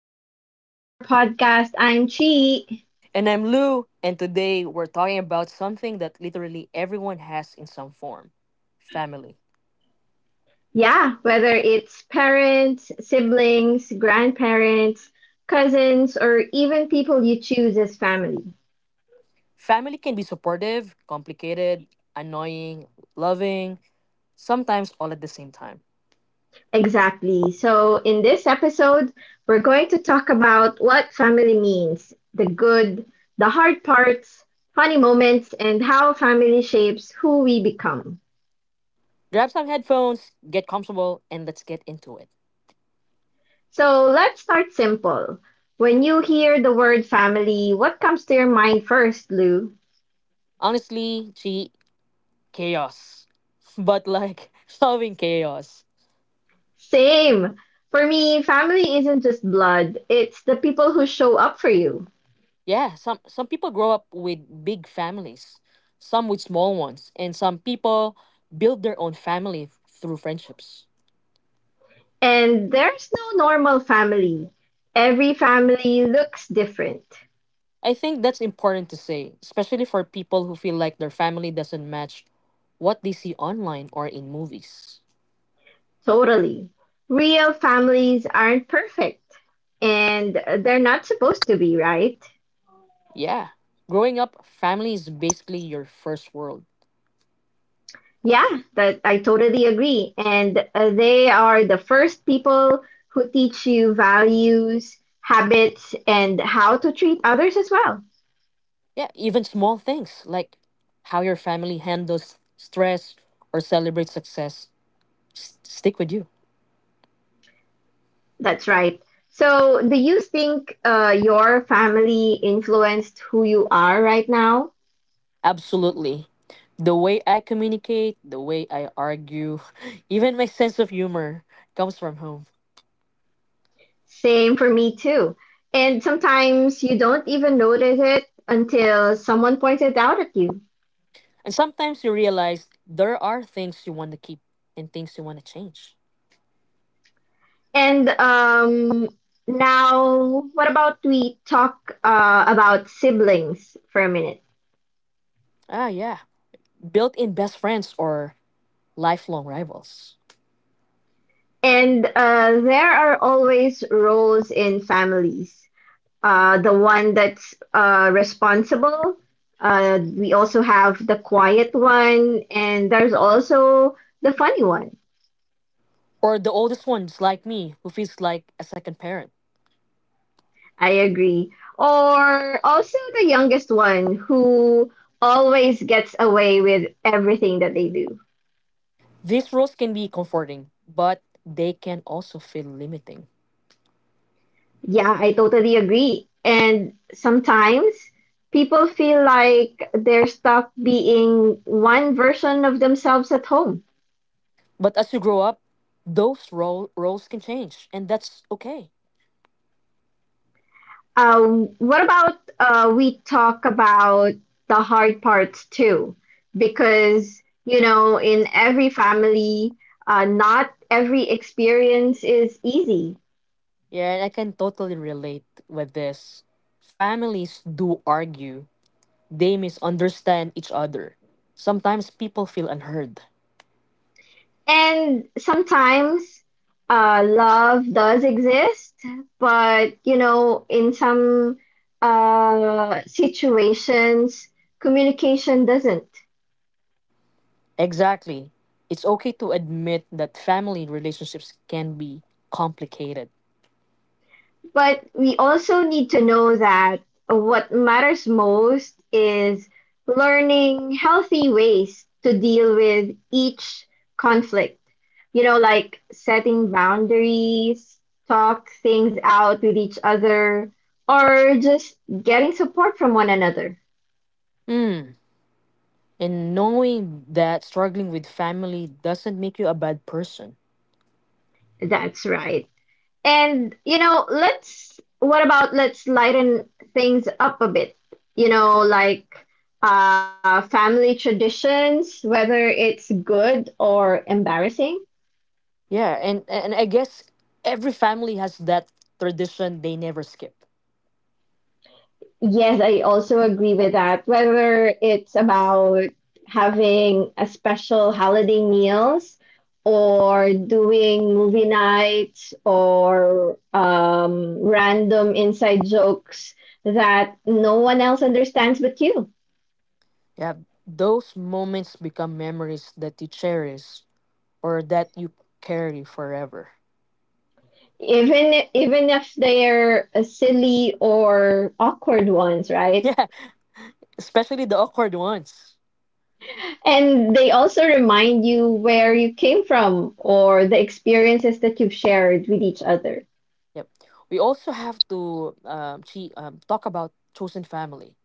Welcome to our podcast. I'm Chi. And I'm Lou, and today we're talking about something that literally everyone has in some form family. Yeah, whether it's parents, siblings, grandparents, cousins, or even people you choose as family. Family can be supportive, complicated, annoying, loving, sometimes all at the same time. Exactly. So, in this episode, we're going to talk about what family means, the good, the hard parts, funny moments, and how family shapes who we become. Grab some headphones, get comfortable, and let's get into it. So let's start simple. When you hear the word family, what comes to your mind first, Lou? Honestly, gee, chaos. But like loving chaos. Same. For me, family isn't just blood, it's the people who show up for you. Yeah, some people grow up with big families, some with small ones, and some people build their own family through friendships. And there's no normal family. Every family looks different. I think that's important to say, especially for people who feel like their family doesn't match what they see online or in movies. Totally. Real families aren't perfect, and they're not supposed to be, right? Yeah. Growing up, family is basically your first world. Yeah, that I totally agree. And they are the first people who teach you values, habits, and how to treat others as well. Yeah, even small things like how your family handles stress or celebrates success stick with you. That's right. So, do you think your family influenced who you are right now? Absolutely. The way I communicate, the way I argue, even my sense of humor comes from home. Same for me too. And sometimes you don't even notice it until someone points it out at you. And sometimes you realize there are things you want to keep and things you want to change. And Now, what about we talk about siblings for a minute? Ah, yeah. Built in best friends or lifelong rivals. And there are always roles in families. The one that's responsible. We also have the quiet one, and there's also the funny one. Or the oldest ones like me who feels like a second parent. I agree. Or also the youngest one who always gets away with everything that they do. These roles can be comforting, but they can also feel limiting. Yeah, I totally agree. And sometimes people feel like they're stuck being one version of themselves at home. But as you grow up, roles can change, and that's okay. What about we talk about the hard parts too? Because, you know, in every family, not every experience is easy. Yeah, and I can totally relate with this. Families do argue, they misunderstand each other. Sometimes people feel unheard. And sometimes love does exist, but you know, in some situations, communication doesn't. Exactly. It's okay to admit that family relationships can be complicated. But we also need to know that what matters most is learning healthy ways to deal with each conflict. You know, like setting boundaries, talk things out with each other, or just getting support from one another. Mm. And knowing that struggling with family doesn't make you a bad person. That's right. And you know, let's what about let's lighten things up a bit. You know, like family traditions, whether it's good or embarrassing. Yeah, and I guess every family has that tradition they never skip. Yes, I also agree with that. Whether it's about having a special holiday meals or doing movie nights or random inside jokes that no one else understands but you. Yeah, those moments become memories that you cherish or that you carry forever. Even if they're silly or awkward ones, right? Yeah, especially the awkward ones. And they also remind you where you came from, or the experiences that you've shared with each other. Yep. We also have to talk about chosen family,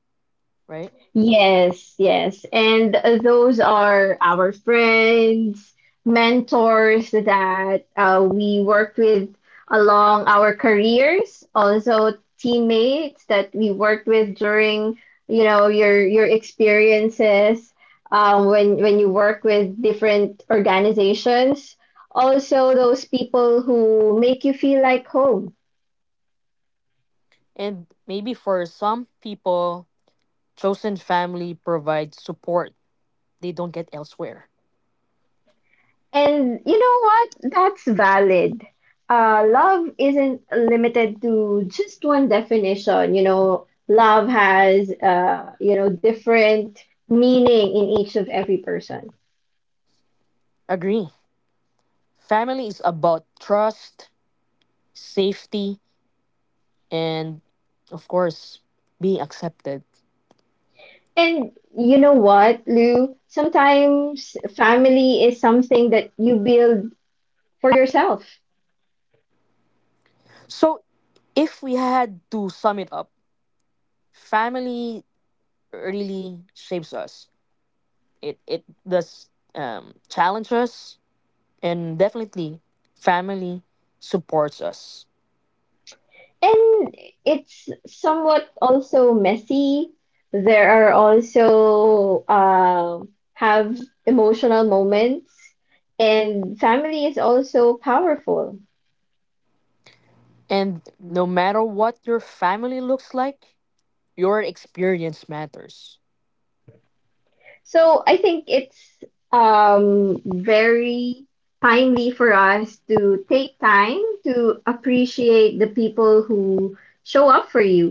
right? Yes, yes. And those are our friends, mentors that we worked with along our careers, also teammates that we worked with during, you know, your experiences, when you work with different organizations. Also, those people who make you feel like home. And maybe for some people, chosen family provides support they don't get elsewhere. And you know what? That's valid. Love isn't limited to just one definition. You know, love has, you know, different meaning in each of every person. Agree. Family is about trust, safety, and of course, being accepted. And you know what, Lou? Sometimes family is something that you build for yourself. So, if we had to sum it up, family really shapes us. It does challenge us, and definitely, family supports us. And it's somewhat also messy. There are also have emotional moments, and family is also powerful. And no matter what your family looks like, your experience matters. So I think it's very timely for us to take time to appreciate the people who show up for you.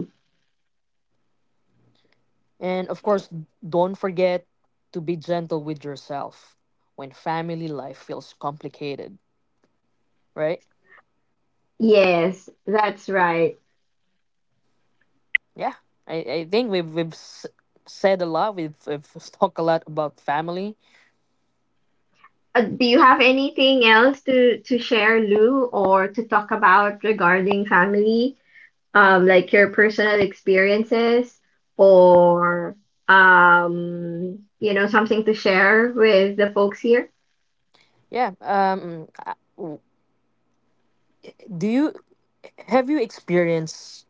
And of course, don't forget to be gentle with yourself when family life feels complicated, right? Yes, that's right. Yeah, I think said a lot, we've talked a lot about family. Do you have anything else to share, Lou, or to talk about regarding family? Like your personal experiences, or you know, something to share with the folks here? Yeah, do you have you experienced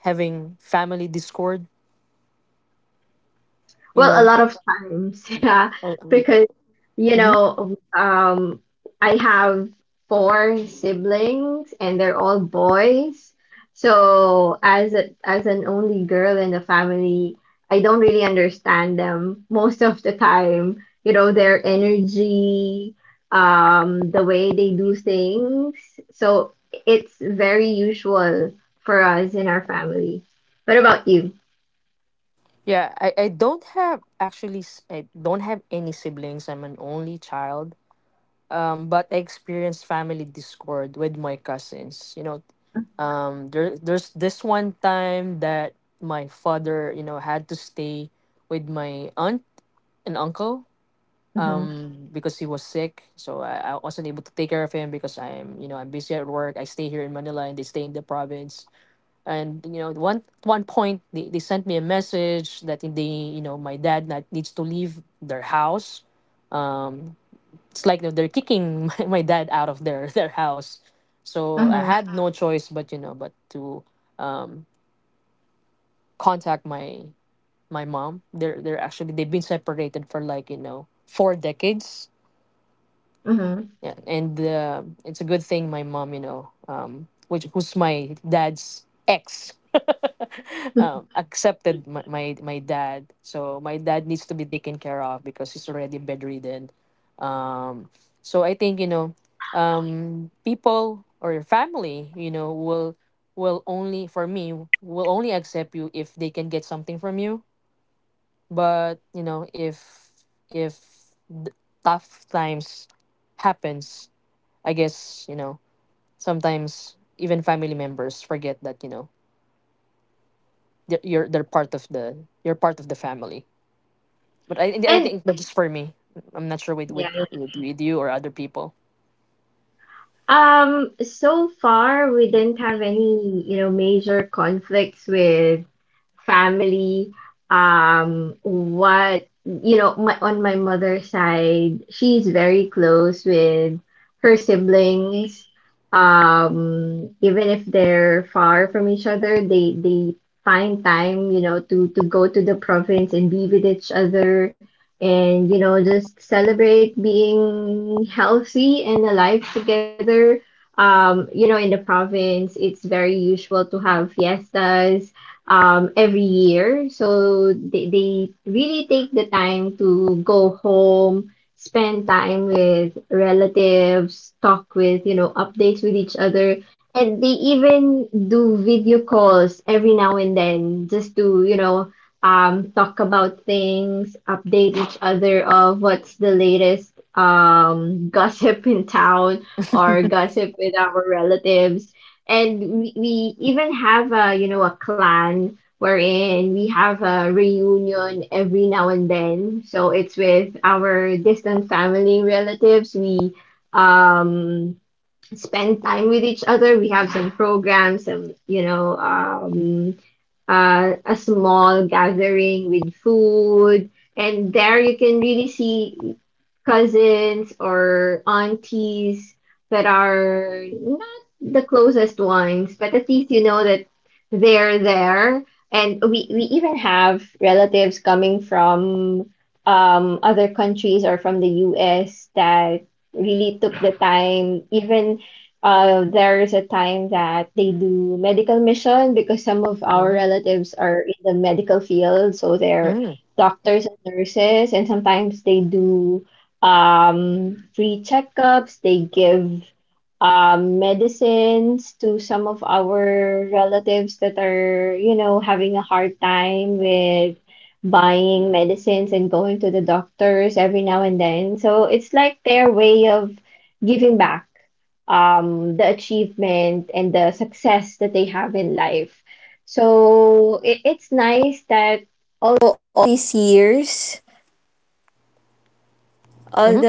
having family discord? You Well, a know, lot of times, yeah, oh, yeah. because you Mm-hmm. know, I have four siblings and they're all boys. So as a, as an only girl in the family, I don't really understand them most of the time. You know, their energy, the way they do things. So it's very usual for us in our family. What about you? Yeah, I don't have I don't have any siblings. I'm an only child. But I experienced family discord with my cousins. You know, there's this one time that my father, you know, had to stay with my aunt and uncle Mm-hmm. Because he was sick, so I wasn't able to take care of him because I'm, you know, I'm busy at work. I stay here in Manila and they stay in the province, and you know, one point they sent me a message that they, you know, my dad not, needs to leave their house. Um, it's like they're kicking my dad out of their house, so I Mm-hmm. had no choice but, you know, but to um contact my mom. They're actually, they've been separated for, like, you know, four decades. Mm-hmm. Yeah, and it's a good thing my mom, you know, which who's my dad's ex, accepted my dad. So my dad needs to be taken care of because he's already bedridden. Um, so I think, you know, people or your family, you know, will only for me will only accept you if they can get something from you. But you know, if th- tough times happens. I guess, you know, sometimes even family members forget that, you know, they're part of the, you're part of the family. But I And think that's just for me. I'm not sure with yeah. With you or other people. So far we didn't have any, you know, major conflicts with family. What, you know, my, on my mother's side, she's very close with her siblings. Even if they're far from each other, they find time, you know, to go to the province and be with each other, and you know, just celebrate being healthy and alive together. You know, in the province, it's very usual to have fiestas every year. So they really take the time to go home, spend time with relatives, talk with, you know, updates with each other. And they even do video calls every now and then just to, you know, talk about things, update each other of what's the latest gossip in town or gossip with our relatives. And we even have, a, you know, a clan wherein we have a reunion every now and then. So it's with our distant family relatives. We um spend time with each other. We have some programs, some, you know, a small gathering with food. And there you can really see cousins or aunties that are not the closest ones, but at least you know that they're there. And we even have relatives coming from other countries or from the US that really took the time. Even there is a time that they do medical mission, because some of our Mm-hmm. relatives are in the medical field, so they're Mm-hmm. doctors and nurses, and sometimes they do free checkups. They give medicines to some of our relatives that are, you know, having a hard time with buying medicines and going to the doctors every now and then. So it's like their way of giving back the achievement and the success that they have in life. So it, it's nice that. Mm-hmm.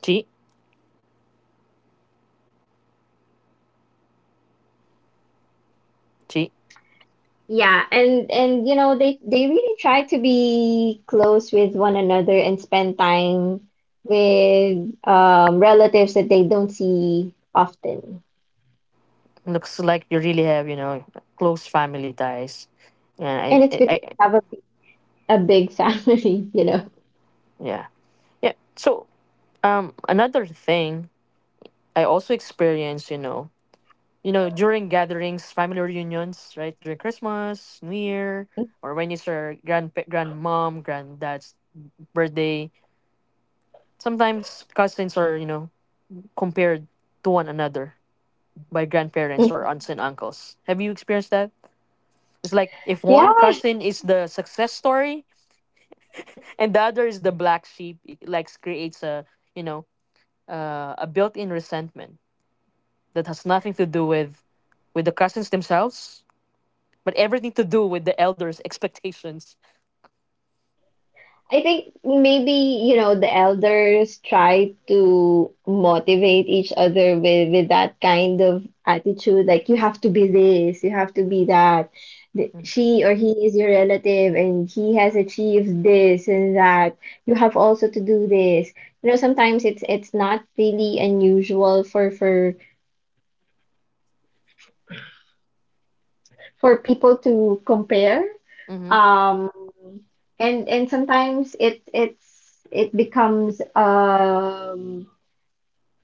Gee, gee, Yeah, and you know, they really try to be close with one another and spend time with relatives that they don't see often. looks like you really have, you know, close family ties, And and it's because I. they have a big family, you know. Yeah, yeah. So another thing I also experienced, you know, you know, during gatherings, family reunions, right? During Christmas, New Year, or when it's your grandmom, granddad's birthday. Sometimes cousins are, you know, compared to one another by grandparents or aunts and uncles. Have you experienced that? It's like if Yeah, one cousin is the success story and the other is the black sheep, it like creates a, you know, a built-in resentment that has nothing to do with the cousins themselves but everything to do with the elders' expectations. I think maybe, you know, the elders try to motivate each other with that kind of attitude, like you have to be this, you have to be that. The- She or he is your relative and he has achieved this and that. You have also to do this. You know, sometimes it's not really unusual for people to compare. Mm-hmm. Um, and sometimes it it's it becomes um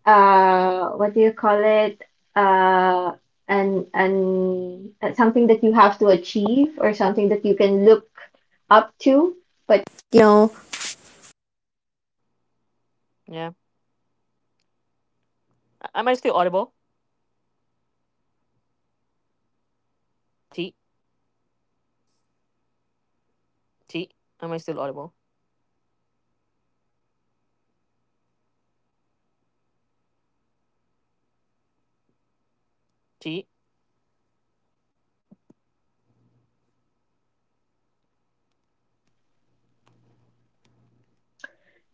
uh what do you call it, uh and something that you have to achieve or something that you can look up. Yeah. A- Am I still audible? T. T. Am I still audible? T.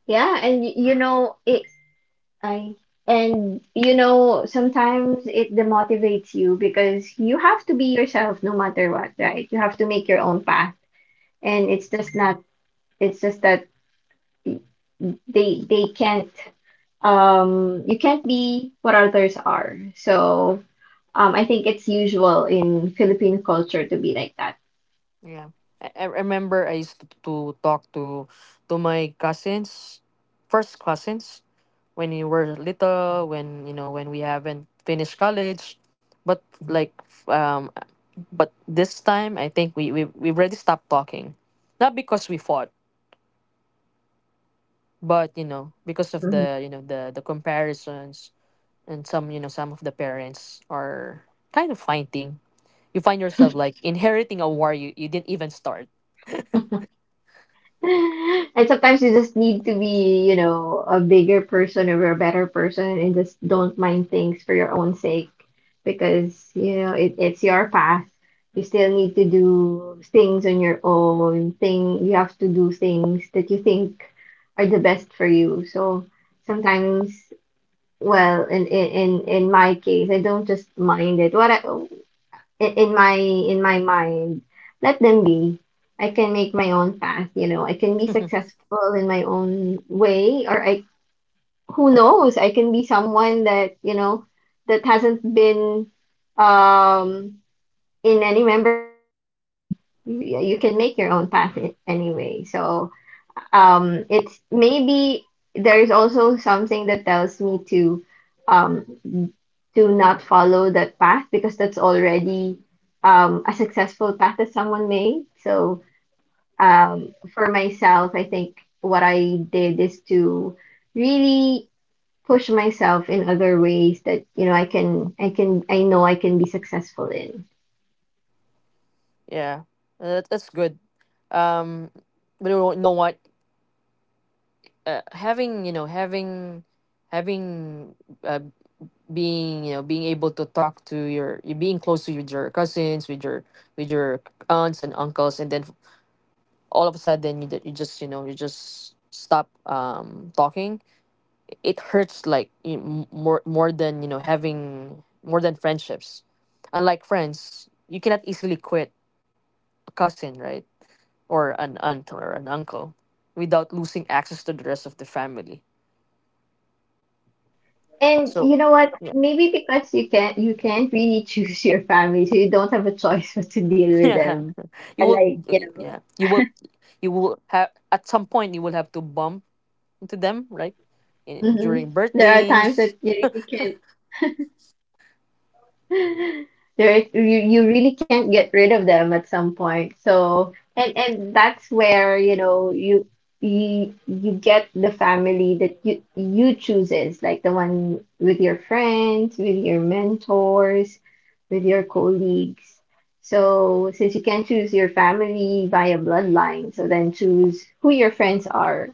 Yeah, and you know it, I, and you know, sometimes it demotivates you because you have to be yourself no matter what, right? You have to make your own path. And it's just not, it's just that y- they can't, you can't be what others are. So I think it's usual in Philippine culture to be like that. Yeah. I remember I used to talk to my cousins, first cousins, when we were little, when, you know, when we haven't finished college, but but this time I think we already stopped talking, not because we fought, but you know, because of Mhm. the, you know, the comparisons, and some, you know, some of the parents are kind of fighting. You find yourself like inheriting a war you didn't even start. And sometimes you just need to be, you know, a bigger person or a better person and just don't mind things for your own sake, because, you know, it, it's your path. You still need to do things on your own thing. You have to do things that you think are the best for you. So sometimes. Well, in my case, I don't just mind it. What I, in my mind, let them be. I can make my own path, you know. I can be successful in my own way, or I, who knows, I can be someone that, you know, that hasn't been um in any member of our family. You can make your own path anyway. So, it's maybe there's also something that tells me um to not follow that path because that's already a successful path that someone made. So for myself, I think what I did is to really push myself in other ways that, you know, I can, I know I can be successful in. Yeah, that, that's good. Um, but you know what, having, you know, having having uh, being, you know, being able to talk to you being close to your cousins with your, with your aunts and uncles, and then all of a sudden you, you just, you know, you just stop talking. It hurts like more, more than, you know, having more than friendships. Unlike friends, you cannot easily quit a cousin, right? Or an aunt or an uncle, without losing access to the rest of the family. And So you know what? yeah. Maybe because you can't, you can't really choose your family, so you don't have a choice but to deal with Yeah, them. you And like will. you Yeah, you will. You will have at some point. You will have to bump into them, right? In, know, mhm. during There are times that birthdays. you really can't. There, you really can't get rid of them at some point. So, and that's where, you know, you, you get the family that you chooses, like the one with your friends, with your mentors, with your colleagues. So, since you can't choose your family via bloodline, so then choose who your friends are.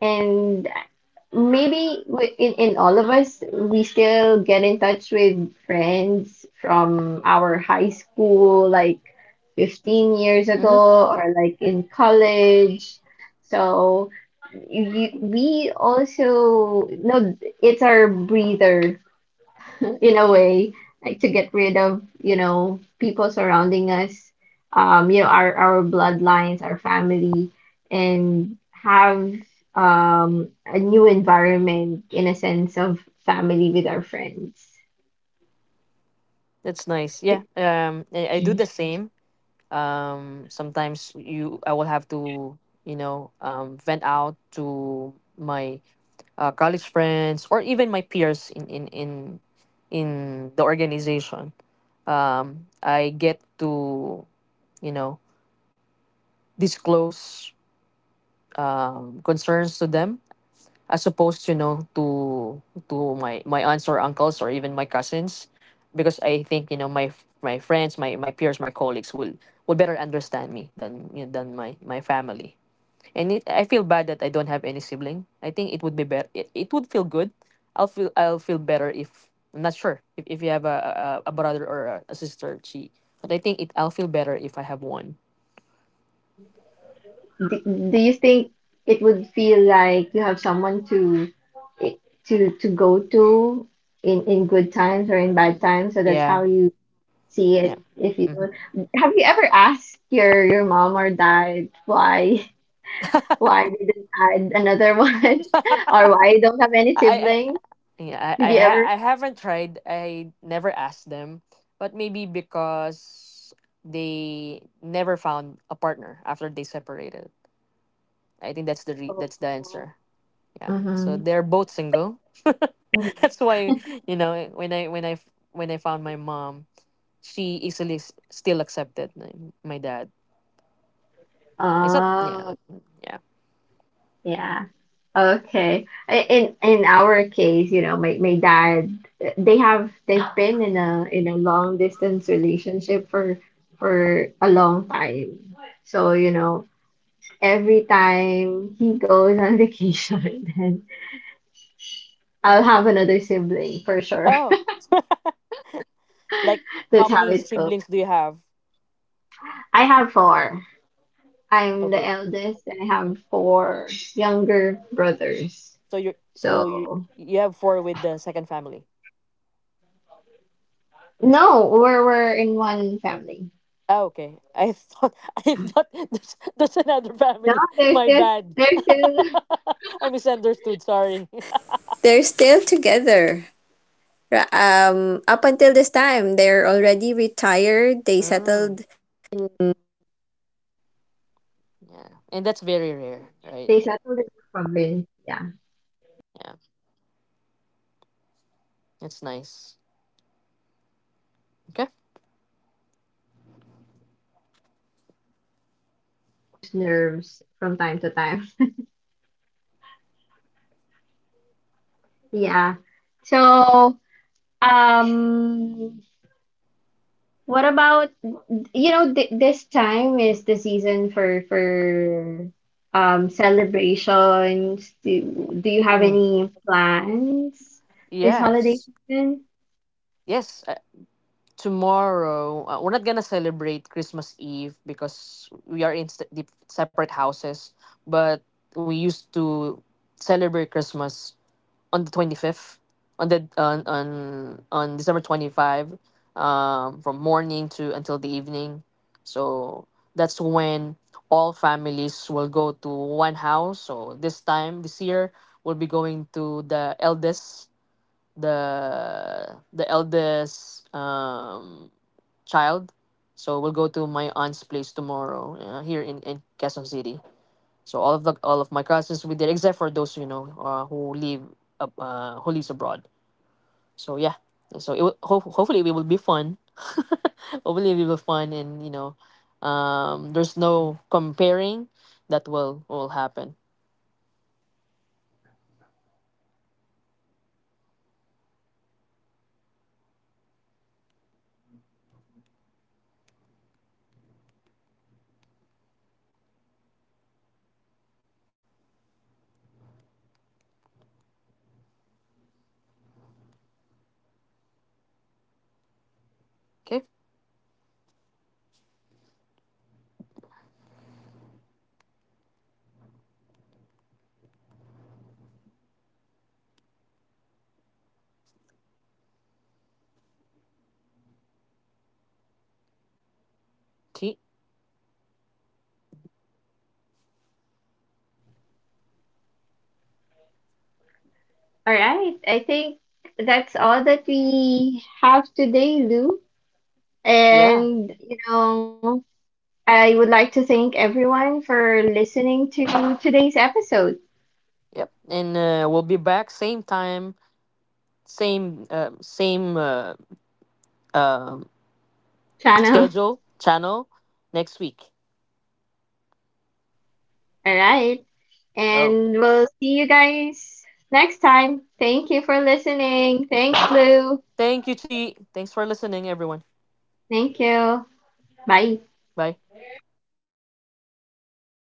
And maybe in all of us, we still get in touch with friends from our high school like 15 years Mm-hmm. ago or like in college. So you, we also no, it's our breather in a way, like to get rid of, you know, people surrounding us, you know, our bloodlines, our family, and have a new environment in a sense of family with our friends. That's nice. Yeah, um, Mm. I do the same. Um, sometimes you I will have to, you know, um, vent out to my college friends or even my peers in in the organization. Um, I get to, you know, disclose concerns to them, as opposed, you know, to my aunts or uncles or even my cousins. Because I think, you know, my friends, my peers, my colleagues will better understand me than, you know, than my family. And it, I feel bad that I don't have any sibling. I think it would be better. It would feel good. I'll feel better if I'm not sure if you have a brother or a sister. She, but I think it, I'll feel better if I have one. Do you think it would feel like you have someone to to go to in good times or in bad times? So that's Yeah, how you see yeah. it if you Hmm. don't. Have you ever asked your mom or dad why why you didn't add another one, or why you don't have any I siblings? yeah Did I, you ha- ever? I haven't tried. I never asked them, but maybe because they never found a partner after they separated. I think that's the answer. Yeah. So Mm-hmm. they're both single. That's why, you know, eh, when I, when I found my mom, she easily still accepted my dad. It's not, yeah, Oh, yeah. yeah. Okay. In our case, you know, my dad, they have they've been in a long distance relationship for a long time. So, you know, every time he goes on vacation, I'll have another sibling for sure. Oh, like, how That's how many it goes. siblings do you have? I have four. I'm the Okay. eldest and I have Mm. four younger brothers. So you, So you have four with the second family. no, we're in one family. Oh, okay. I thought I thought that's another No, family. My bad. they're still I misunderstood. Sorry. Mm, yeah, and that's very rare, right? Yeah, that's nice. Okay. get into each other's nerves from time to time. Yeah. So, um, what about, you know, this time is the season for celebrations. Do do you have Mm. any plans this Yeah. holiday season? Yes, tomorrow we're not gonna celebrate Christmas Eve because we are in separate houses. But we used to celebrate Christmas on the 25th, on the on December 25, from morning to until the evening. So that's when all families will go to one house. So this time this year we'll be going to the eldest, the the eldest child. So we'll go to my aunt's place tomorrow, here in Quezon City. So all of my cousins will be there, except for those, you know, who lives abroad. So yeah, so it will, ho- hopefully it will be fun. Hopefully it will be fun, and you know, um, there's no comparing that will happen. Okay. T. All right. I think that's all that we have today, Lou. Yeah. And, you know, I would like to thank everyone for listening to today's episode. Yep, and we'll be back same time, same um Channel. schedule, channel next week. All right. Oh, And we'll guys next time. Thank you for listening. Thanks, Lou. thank you, Chi. Thanks for listening, everyone. Thank you. Bye. Bye.